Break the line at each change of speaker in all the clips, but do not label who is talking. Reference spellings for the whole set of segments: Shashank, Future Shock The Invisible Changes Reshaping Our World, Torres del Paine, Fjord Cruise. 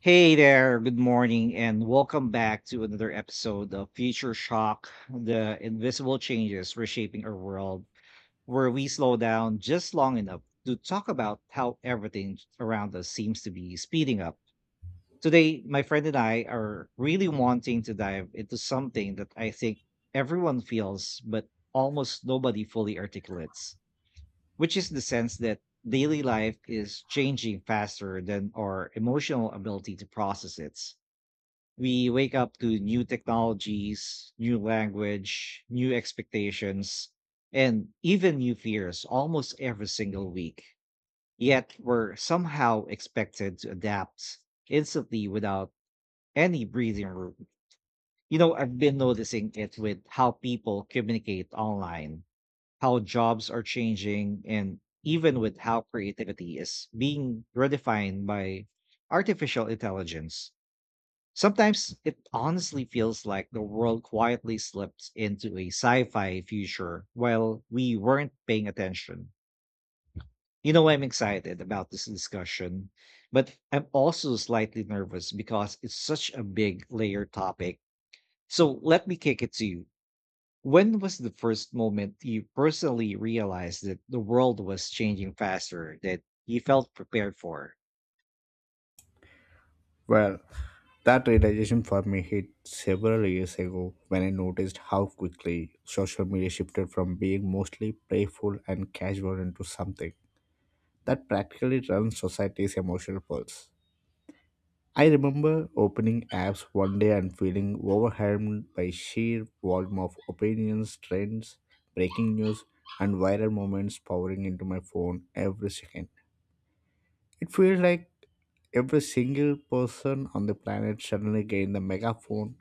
Hey there, good morning, and welcome back to another episode of Future Shock, The Invisible Changes Reshaping Our World, where we slow down just long enough to talk about how everything around us seems to be speeding up. Today, my friend and I are really wanting to dive into something that I think everyone feels, but almost nobody fully articulates, which is the sense that daily life is changing faster than our emotional ability to process it. We wake up to new technologies, new language, new expectations, and even new fears almost every single week. Yet we're somehow expected to adapt instantly without any breathing room. You know, I've been noticing it with how people communicate online, how jobs are changing, and even with how creativity is being redefined by artificial intelligence. Sometimes it honestly feels like the world quietly slipped into a sci fi future while we weren't paying attention. You know, I'm excited about this discussion, but I'm also slightly nervous because it's such a big layer topic. So let me kick it to you, when was the first moment you personally realized that the world was changing faster that you felt prepared for?
Well, that realization for me hit several years ago when I noticed how quickly social media shifted from being mostly playful and casual into something that practically runs society's emotional pulse. I remember opening apps one day and feeling overwhelmed by sheer volume of opinions, trends, breaking news, and viral moments pouring into my phone every second. It feels like every single person on the planet suddenly gained the megaphone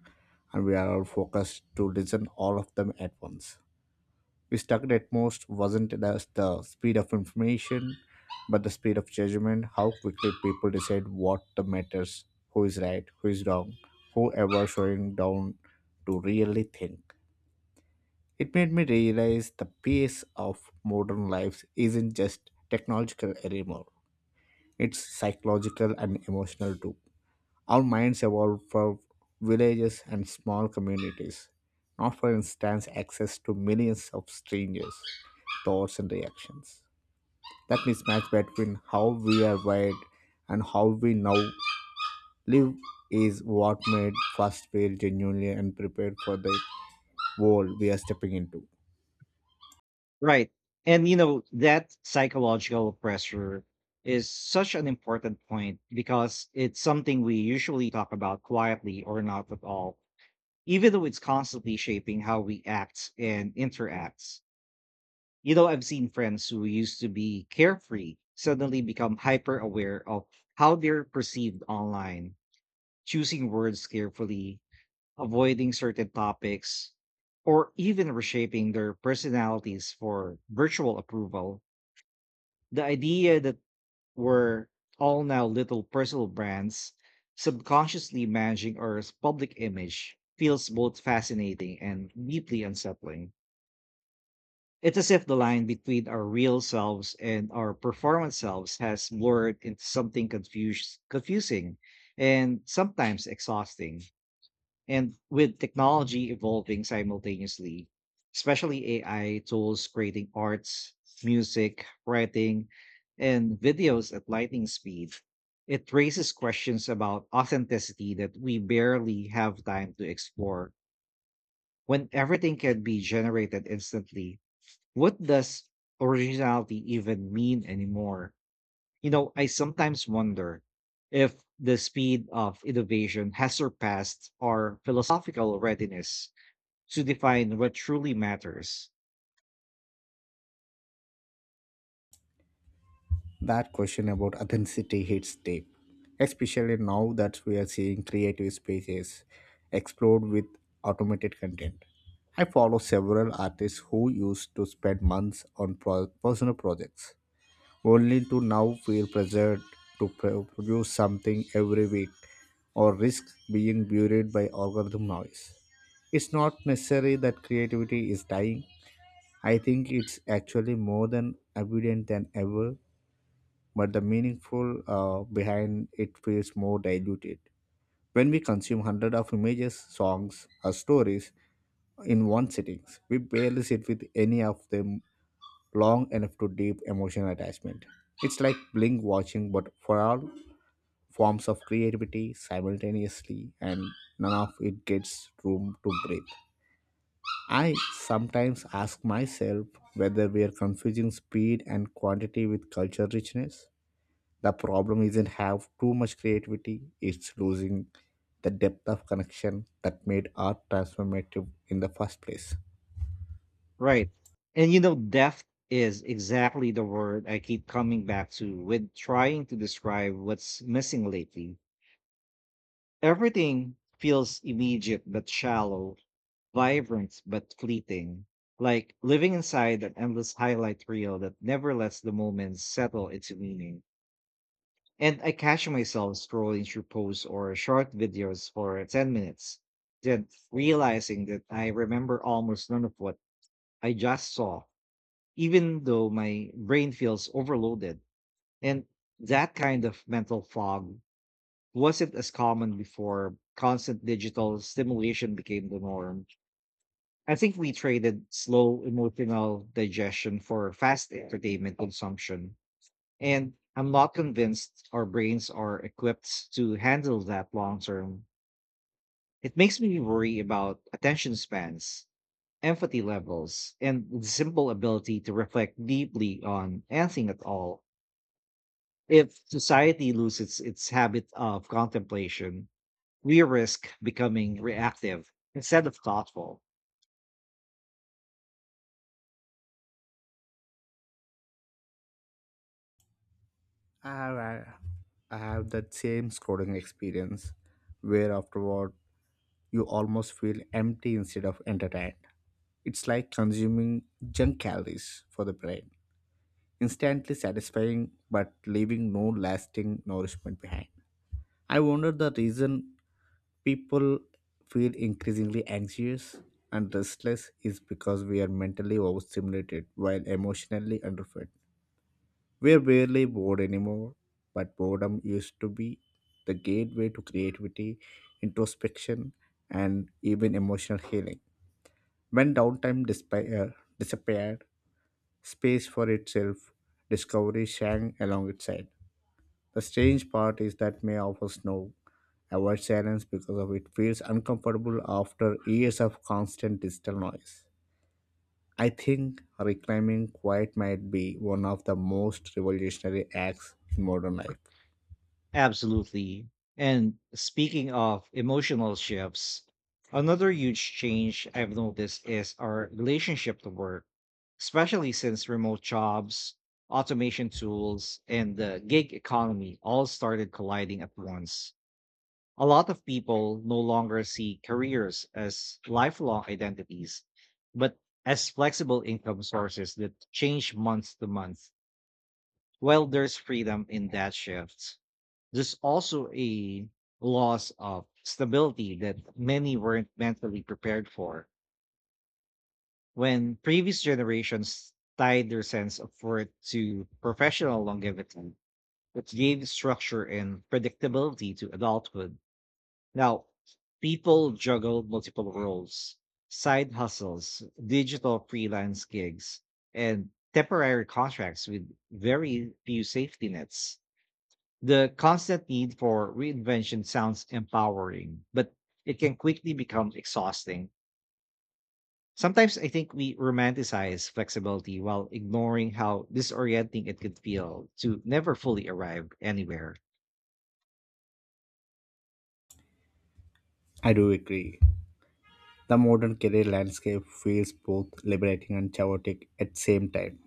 and we are all focused to listen all of them at once. We stuck at most wasn't the speed of information, but the speed of judgment, how quickly people decide what the matters, who is right, who is wrong, whoever showing down to really think. It made me realize the pace of modern life isn't just technological anymore. It's psychological and emotional too. Our minds evolve for villages and small communities, not for instance access to millions of strangers, thoughts and reactions. That mismatch between how we are wired and how we now live is what made Fast feel genuinely and prepared for the world we are stepping into.
Right. And you know, that psychological pressure is such an important point because it's something we usually talk about quietly or not at all, even though it's constantly shaping how we act and interacts. You know, I've seen friends who used to be carefree suddenly become hyper aware of how they're perceived online, choosing words carefully, avoiding certain topics, or even reshaping their personalities for virtual approval. The idea that we're all now little personal brands subconsciously managing our public image feels both fascinating and deeply unsettling. It's as if the line between our real selves and our performance selves has blurred into something confusing and sometimes exhausting. And with technology evolving simultaneously, especially AI tools creating arts, music, writing, and videos at lightning speed, it raises questions about authenticity that we barely have time to explore. When everything can be generated instantly, what does originality even mean anymore? You know, I sometimes wonder if the speed of innovation has surpassed our philosophical readiness to define what truly matters.
That question about authenticity hits deep, especially now that we are seeing creative spaces explode with automated content. I follow several artists who used to spend months on personal projects, only to now feel pressured to produce something every week or risk being buried by algorithm noise. It's not necessary that creativity is dying. I think it's actually more than evident than ever, but the meaningful behind it feels more diluted. When we consume hundreds of images, songs, or stories in one sitting, we barely sit with any of them long enough to deep emotional attachment. It's like blink watching, but for all forms of creativity simultaneously, and none of it gets room to breathe. I sometimes ask myself whether we are confusing speed and quantity with culture richness. The problem isn't have too much creativity, it's losing the depth of connection that made art transformative in the first place.
Right. And you know, depth is exactly the word I keep coming back to with trying to describe what's missing lately. Everything feels immediate but shallow, vibrant but fleeting, like living inside an endless highlight reel that never lets the moment settle into meaning. And I catch myself scrolling through posts or short videos for 10 minutes, then realizing that I remember almost none of what I just saw, even though my brain feels overloaded. And that kind of mental fog wasn't as common before constant digital stimulation became the norm. I think we traded slow emotional digestion for fast entertainment consumption. And I'm not convinced our brains are equipped to handle that long term. It makes me worry about attention spans, empathy levels, and the simple ability to reflect deeply on anything at all. If society loses its habit of contemplation, we risk becoming reactive instead of thoughtful.
I have, I I have that same scrolling experience where afterward you almost feel empty instead of entertained. It's like consuming junk calories for the brain, instantly satisfying but leaving no lasting nourishment behind. I wonder the reason people feel increasingly anxious and restless is because we are mentally overstimulated while emotionally underfed. We are barely bored anymore, but boredom used to be the gateway to creativity, introspection, and even emotional healing. When downtime disappeared, space for itself, discovery sang along its side. The strange part is that May offers snow. Avoid silence because of it feels uncomfortable after years of constant digital noise. I think reclaiming quiet might be one of the most revolutionary acts in modern life.
Absolutely. And speaking of emotional shifts, another huge change I've noticed is our relationship to work, especially since remote jobs, automation tools, and the gig economy all started colliding at once. A lot of people no longer see careers as lifelong identities, but as flexible income sources that change month to month. While there's freedom in that shift, there's also a loss of stability that many weren't mentally prepared for. When previous generations tied their sense of worth to professional longevity, it gave structure and predictability to adulthood. Now, people juggle multiple roles, side hustles, digital freelance gigs, and temporary contracts with very few safety nets. The constant need for reinvention sounds empowering, but it can quickly become exhausting. Sometimes I think we romanticize flexibility while ignoring how disorienting it could feel to never fully arrive anywhere.
I do agree. The modern career landscape feels both liberating and chaotic at the same time.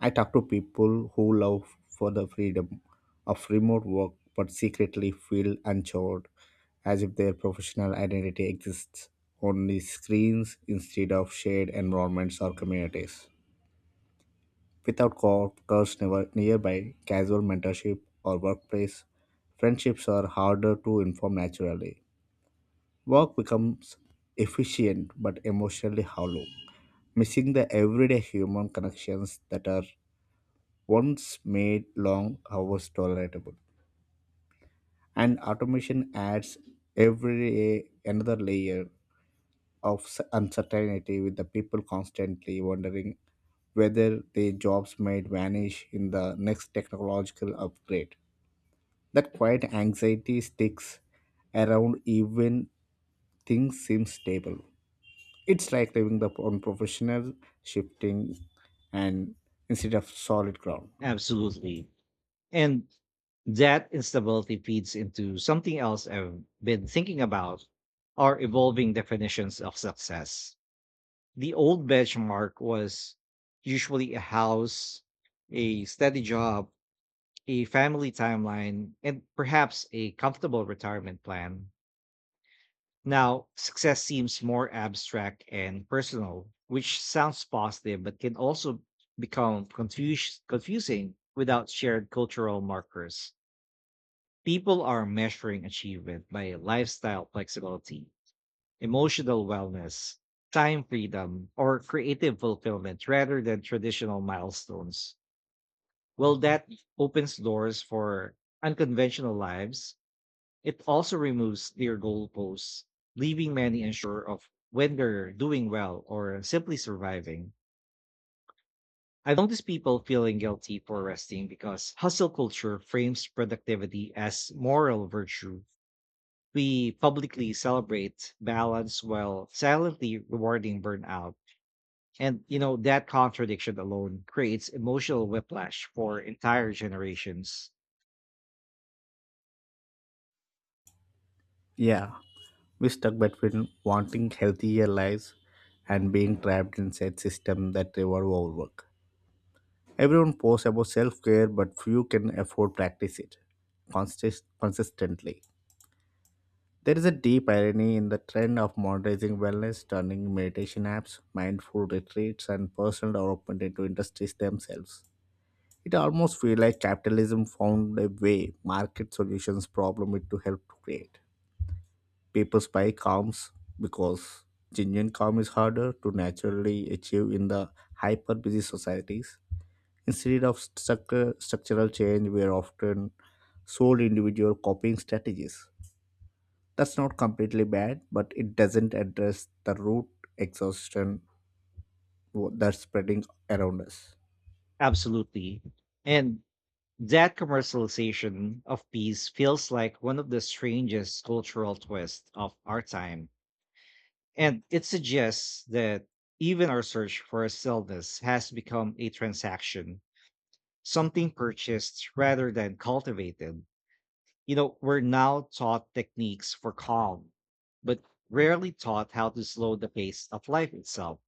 I talk to people who love for the freedom of remote work but secretly feel unchored, as if their professional identity exists only screens instead of shared environments or communities. Without coworkers never nearby, casual mentorship or workplace friendships are harder to inform naturally. Work becomes efficient but emotionally hollow, missing the everyday human connections that are once made long hours tolerable. And automation adds every another layer of uncertainty with the people constantly wondering whether their jobs might vanish in the next technological upgrade. That quiet anxiety sticks around even things seem stable. It's like living the unprofessional, shifting, and instead of solid ground.
Absolutely. And that instability feeds into something else I've been thinking about, our evolving definitions of success. The old benchmark was usually a house, a steady job, a family timeline, and perhaps a comfortable retirement plan. Now, success seems more abstract and personal, which sounds positive, but can also become confusing without shared cultural markers. People are measuring achievement by lifestyle flexibility, emotional wellness, time freedom, or creative fulfillment rather than traditional milestones. While that opens doors for unconventional lives, it also removes their goalposts, leaving many unsure of when they're doing well or simply surviving. I've noticed people feeling guilty for resting because hustle culture frames productivity as moral virtue. We publicly celebrate balance while silently rewarding burnout. And, you know, that contradiction alone creates emotional whiplash for entire generations.
Yeah. We stuck between wanting healthier lives and being trapped inside system that reward overwork. Everyone posts about self-care, but few can afford practice it consistently. There is a deep irony in the trend of monetizing wellness, turning meditation apps, mindful retreats, and personal development into industries themselves. It almost feels like capitalism found a way market solutions problem it to help create. People spy calms because genuine calm is harder to naturally achieve in the hyper busy societies. Instead of structural change, we are often sold individual copying strategies. That's not completely bad, but it doesn't address the root exhaustion that's spreading around us.
Absolutely. And that commercialization of peace feels like one of the strangest cultural twists of our time. And it suggests that even our search for stillness has become a transaction, something purchased rather than cultivated. You know, we're now taught techniques for calm, but rarely taught how to slow the pace of life itself.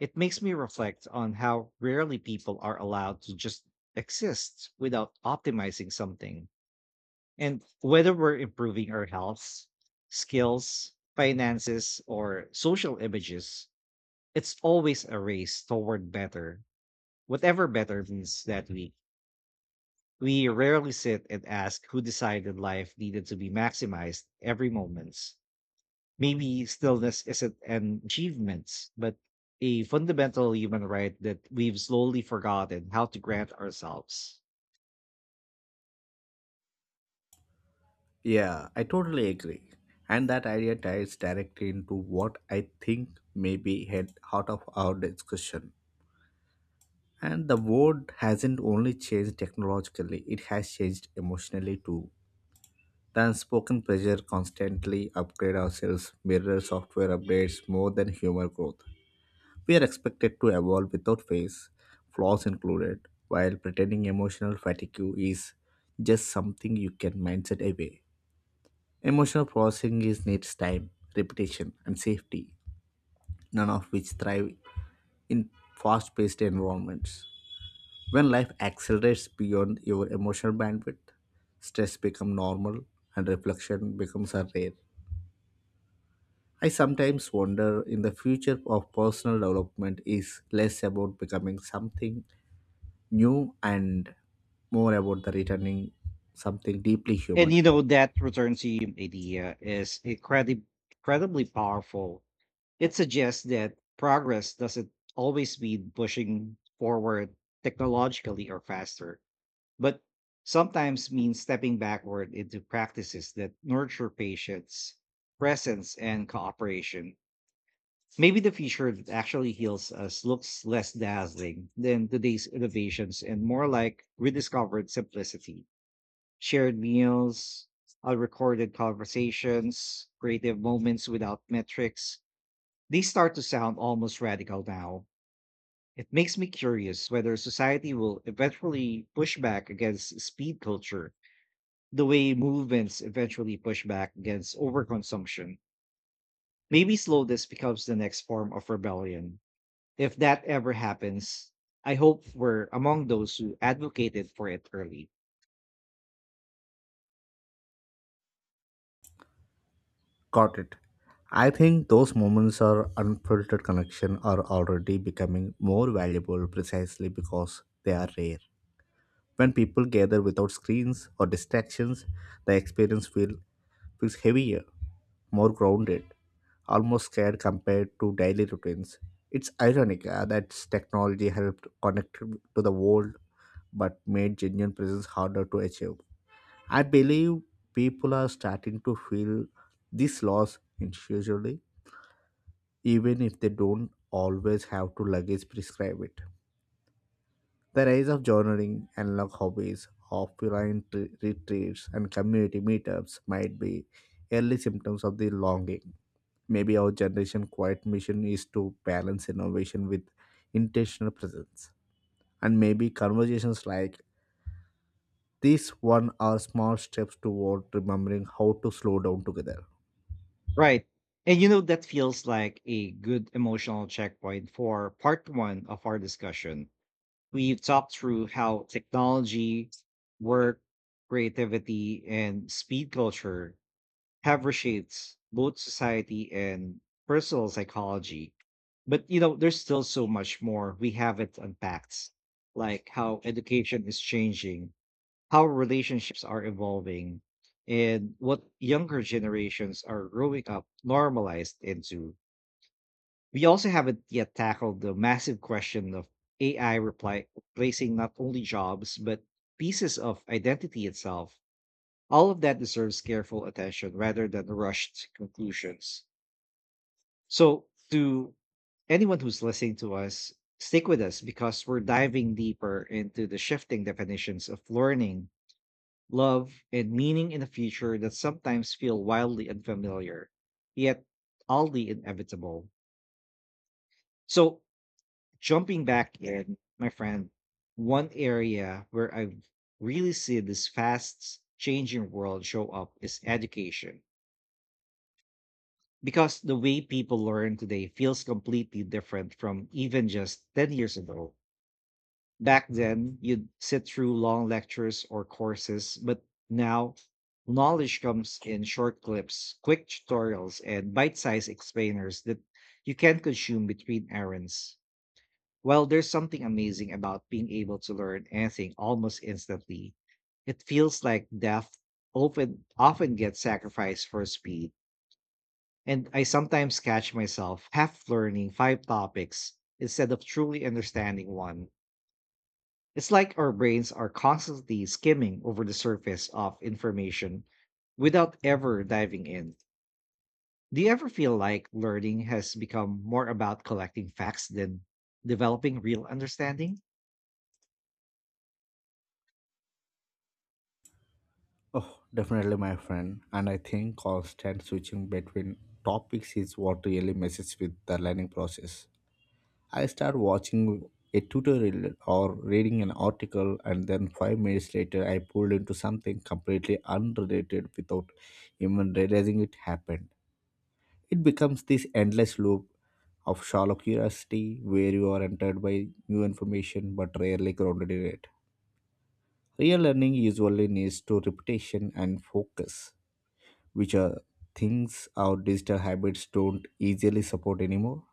It makes me reflect on how rarely people are allowed to just exist without optimizing something. And whether we're improving our health, skills, finances, or social images, it's always a race toward better, whatever better means that week. We rarely sit and ask who decided life needed to be maximized every moment. Maybe stillness isn't an achievement, but a fundamental human right that we've slowly forgotten how to grant ourselves.
Yeah, I totally agree. And that idea ties directly into what I think may be head out of our discussion. And the world hasn't only changed technologically, it has changed emotionally too. The unspoken pressure constantly upgrade ourselves, mirror software updates more than human growth. We are expected to evolve without face, flaws included, while pretending emotional fatigue is just something you can mindset away. Emotional processing is needs time, repetition, and safety, none of which thrive in fast-paced environments. When life accelerates beyond your emotional bandwidth, stress becomes normal and reflection becomes a rare. I sometimes wonder in the future of personal development is less about becoming something new and more about the returning something deeply
And you
human.
know, that return to you idea is incredibly powerful. It suggests that progress doesn't always mean pushing forward technologically or faster, but sometimes means stepping backward into practices that nurture patience, presence, and cooperation. Maybe the future that actually heals us looks less dazzling than today's innovations and more like rediscovered simplicity. Shared meals, recorded conversations, creative moments without metrics. These start to sound almost radical now. It makes me curious whether society will eventually push back against speed culture the way movements eventually push back against overconsumption. Maybe slowness becomes the next form of rebellion. If that ever happens, I hope we're among those who advocated for it early.
Got it. I think those moments or unfiltered connection are already becoming more valuable precisely because they are rare. When people gather without screens or distractions, the feels heavier, more grounded, almost scared compared to daily routines. It's ironic that technology helped connect to the world but made genuine presence harder to achieve. I believe people are starting to feel this loss intuitively, even if they don't always have to luggage prescribe it. The rise of journaling, analog hobbies, offline retreats, and community meetups might be early symptoms of the longing. Maybe our generation quiet mission is to balance innovation with intentional presence. And maybe conversations like this one are small steps toward remembering how to slow down together.
Right. And you know, that feels like a good emotional checkpoint for part one of our discussion. We've talked through how technology, work, creativity, and speed culture have reshaped both society and personal psychology. But you know, there's still so much more we haven't unpacked, like how education is changing, how relationships are evolving, and what younger generations are growing up normalized into. We also haven't yet tackled the massive question of AI replacing not only jobs, but pieces of identity itself. All of that deserves careful attention rather than rushed conclusions. So, to anyone who's listening to us, stick with us because we're diving deeper into the shifting definitions of learning, love, and meaning in a future that sometimes feel wildly unfamiliar, yet oddly inevitable. So, jumping back in, my friend, one area where I've really seen this fast changing world show up is education, because the way people learn today feels completely different from even just 10 years ago. Back then, you'd sit through long lectures or courses, but now knowledge comes in short clips, quick tutorials, and bite sized explainers that you can consume between errands. While there's something amazing about being able to learn anything almost instantly. It feels like depth often gets sacrificed for speed. And I sometimes catch myself half learning five topics instead of truly understanding one. It's like our brains are constantly skimming over the surface of information without ever diving in. Do you ever feel like learning has become more about collecting facts than developing real understanding?
Oh, definitely, my friend. And I think constant switching between topics is what really messes with the learning process. I start watching a tutorial or reading an article, and then 5 minutes later, I pulled into something completely unrelated without even realizing it happened. It becomes this endless loop of shallow curiosity where you are entered by new information but rarely grounded in it. Real learning usually needs to repetition and focus, which are things our digital habits don't easily support anymore.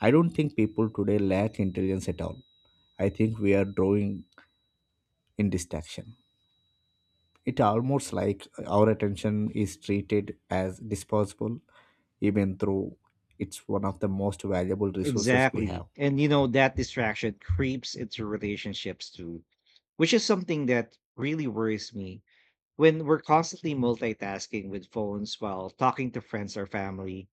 I don't think people today lack intelligence at all. I think we are drawing in distraction. It almost like our attention is treated as disposable, even though it's one of the most valuable resources we
Exactly.
have.
And you know, that distraction creeps into relationships too, which is something that really worries me. When we're constantly multitasking with phones while talking to friends or family,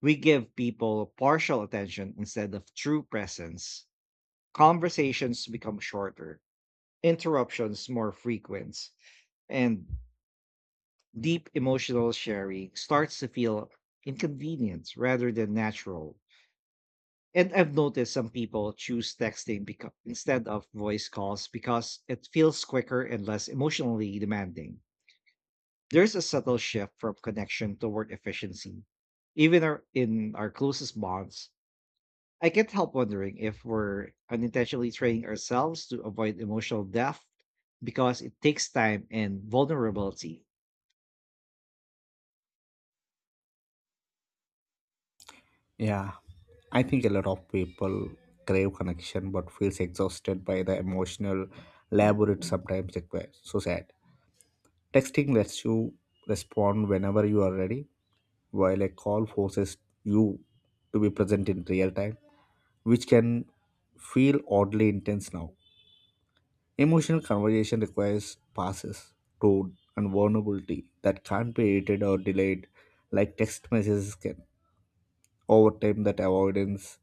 we give people partial attention instead of true presence. Conversations become shorter, interruptions more frequent, and deep emotional sharing starts to feel inconvenient rather than natural. And I've noticed some people choose texting instead of voice calls because it feels quicker and less emotionally demanding. There's a subtle shift from connection toward efficiency. Even our, in our closest bonds, I can't help wondering if we're unintentionally training ourselves to avoid emotional depth because it takes time and vulnerability.
Yeah, I think a lot of people crave connection but feels exhausted by the emotional labor it sometimes requires. So sad. Texting lets you respond whenever you are ready, while a call forces you to be present in real time, which can feel oddly intense now. Emotional conversation requires passes, tone, and vulnerability that can't be edited or delayed like text messages can. Over time, that avoidance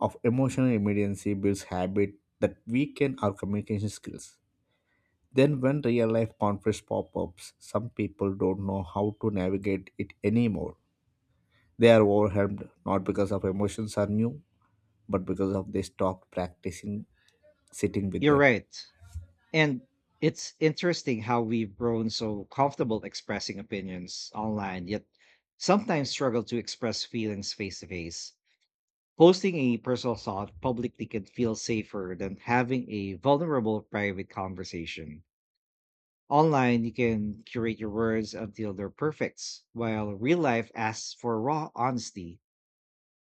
of emotional immediacy builds habit that weaken our communication skills. Then, when real life conflicts pop up, some people don't know how to navigate it anymore. They are overwhelmed not because of emotions are new, but because of they stopped practicing sitting with
You're
them.
right. And it's interesting how we've grown so comfortable expressing opinions online, yet sometimes struggle to express feelings face to face. Posting a personal thought publicly can feel safer than having a vulnerable private conversation. Online, you can curate your words until they're perfect, while real life asks for raw honesty.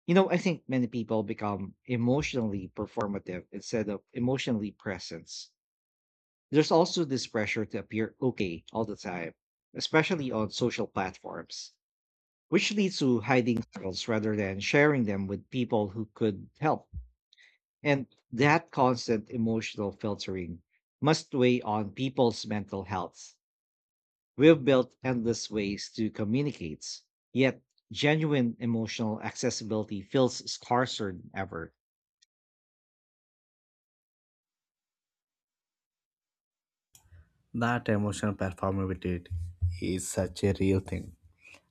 You know, I think many people become emotionally performative instead of emotionally present. There's also this pressure to appear okay all the time, especially on social platforms, which leads to hiding struggles rather than sharing them with people who could help. And that constant emotional filtering must weigh on people's mental health. We've built endless ways to communicate, yet genuine emotional accessibility feels scarcer than ever.
That emotional performability is such a real thing,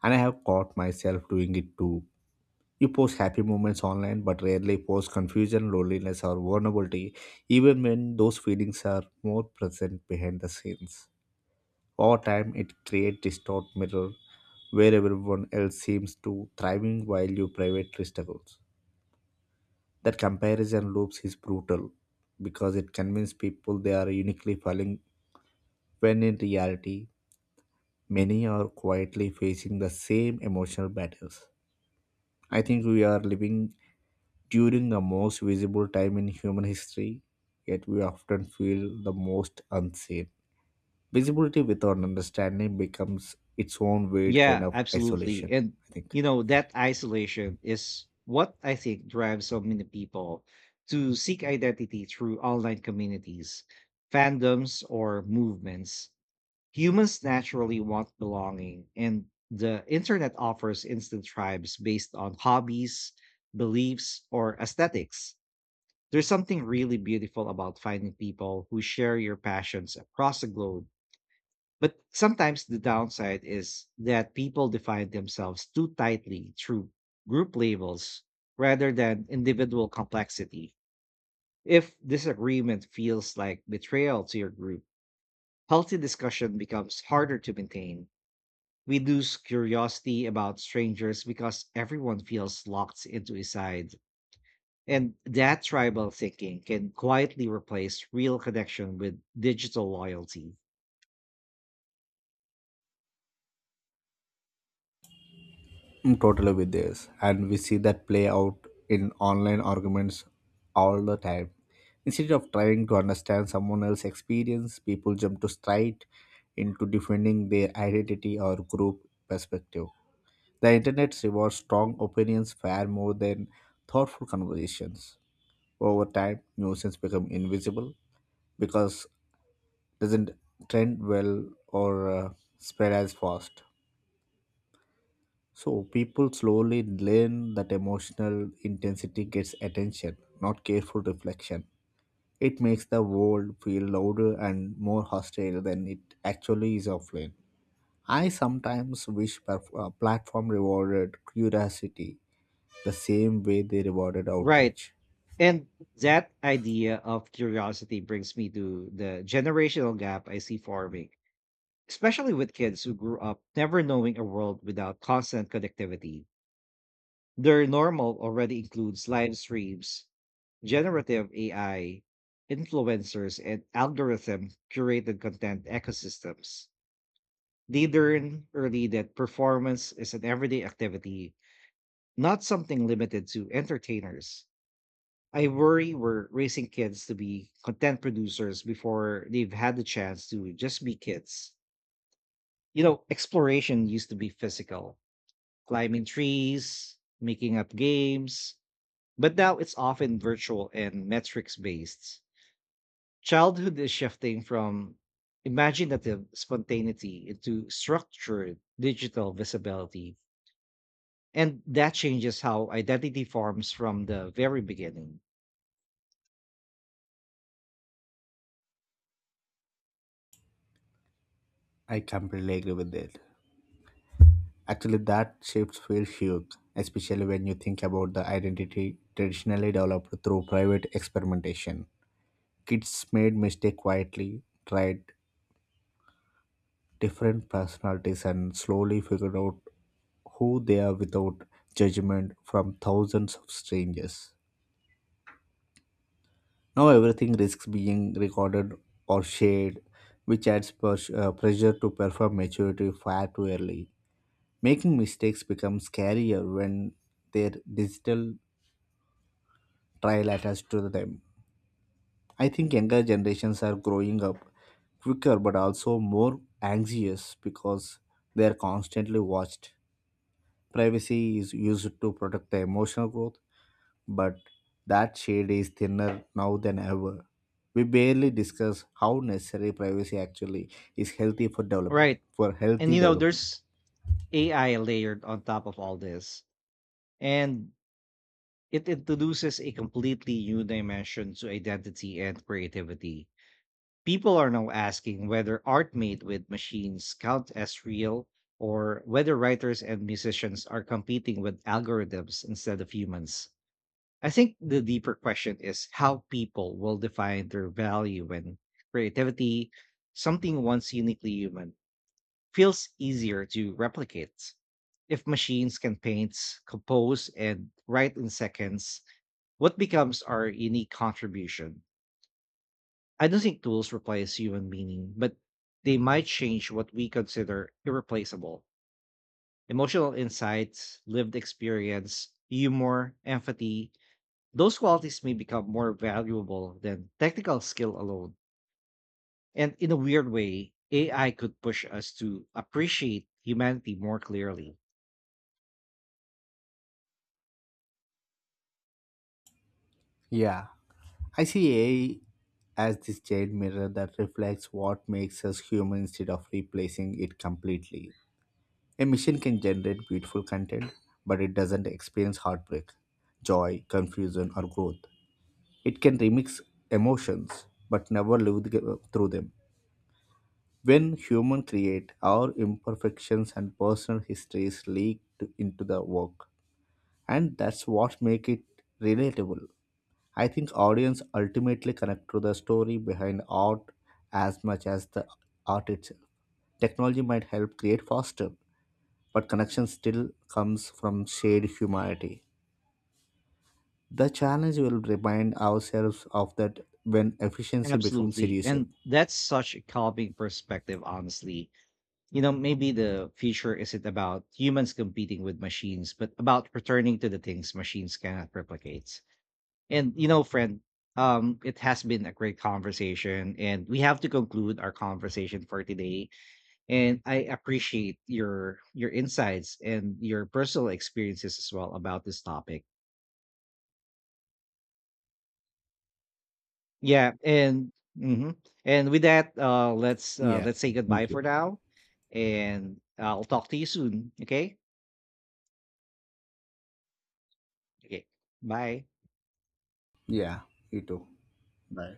and I have caught myself doing it too. You post happy moments online, but rarely post confusion, loneliness, or vulnerability, even when those feelings are more present behind the scenes. Over time, it creates distorted mirror where everyone else seems to thriving while you privately struggles. That comparison loops is brutal because it convinces people they are uniquely falling when in reality many are quietly facing the same emotional battles. I think we are living during the most visible time in human history, yet we often feel the most unseen. Visibility without understanding becomes its own weird kind
Yeah,
of
absolutely.
isolation,
And
I think.
you know, that isolation is what I think drives so many people to seek identity through online communities, fandoms, or movements. Humans naturally want belonging, and the internet offers instant tribes based on hobbies, beliefs, or aesthetics. There's something really beautiful about finding people who share your passions across the globe, but sometimes the downside is that people define themselves too tightly through group labels rather than individual complexity. If disagreement feels like betrayal to your group, healthy discussion becomes harder to maintain. We lose curiosity about strangers because everyone feels locked into a side. And that tribal thinking can quietly replace real connection with digital loyalty.
I'm totally with this, and we see that play out in online arguments all the time. Instead of trying to understand someone else's experience, people jump to straight into defending their identity or group perspective. The internet rewards strong opinions far more than thoughtful conversations. Over time, nuisance become invisible because doesn't trend well or spread as fast. So people slowly learn that emotional intensity gets attention, not careful reflection. It makes the world feel louder and more hostile than it actually is offline. I sometimes wish platform rewarded curiosity the same way they rewarded
Right.
outrage.
And that idea of curiosity brings me to the generational gap I see forming, especially with kids who grew up never knowing a world without constant connectivity. Their normal already includes live streams, generative AI, influencers, and algorithm curated content ecosystems. They learn early that performance is an everyday activity, not something limited to entertainers. I worry we're raising kids to be content producers before they've had the chance to just be kids. You know, exploration used to be physical, climbing trees, making up games, but now it's often virtual and metrics based. Childhood is shifting from imaginative spontaneity into structured digital visibility. And that changes how identity forms from the very beginning.
I completely agree with that. Actually, that shifts feel huge, especially when you think about the identity traditionally developed through private experimentation. Kids made mistake quietly, tried different personalities, and slowly figured out who they are without judgment from thousands of strangers. Now everything risks being recorded or shared, which adds pressure to perform maturity far too early. Making mistakes becomes scarier when their digital trial attached to them. I think younger generations are growing up quicker but also more anxious because they are constantly watched. Privacy is used to protect the emotional growth, but that shade is thinner now than ever. We barely discuss how necessary privacy actually is healthy for development
Right.
for
And
healthy
you know,
development.
there's AI layered on top of all this, and it introduces a completely new dimension to identity and creativity. People are now asking whether art made with machines count as real, or whether writers and musicians are competing with algorithms instead of humans. I think the deeper question is how people will define their value and creativity, something once uniquely human feels easier to replicate. If machines can paint, compose, and write in seconds, what becomes our unique contribution? I don't think tools replace human meaning, but they might change what we consider irreplaceable. Emotional insights, lived experience, humor, empathy, those qualities may become more valuable than technical skill alone. And in a weird way, AI could push us to appreciate humanity more clearly.
Yeah. I see AI as this giant mirror that reflects what makes us human instead of replacing it completely. A machine can generate beautiful content, but it doesn't experience heartbreak, joy, confusion, or growth. It can remix emotions, but never live through them. When humans create, our imperfections and personal histories leak into the work, and that's what makes it relatable. I think audience ultimately connect to the story behind art as much as the art itself. Technology might help create faster, but connection still comes from shared humanity. The challenge will remind ourselves of that when efficiency becomes
Absolutely.
elusive.
And that's such a calming perspective, honestly. You know, maybe the future isn't about humans competing with machines, but about returning to the things machines cannot replicate. And, you know, friend, it has been a great conversation, and we have to conclude our conversation for today. And I appreciate your insights and your personal experiences as well about this topic. Yeah, and mhm. And with that,
Yeah.
let's say goodbye
Thank you.
for now, and I'll talk to you soon. Okay. Okay. Bye.
Yeah, you too. Bye.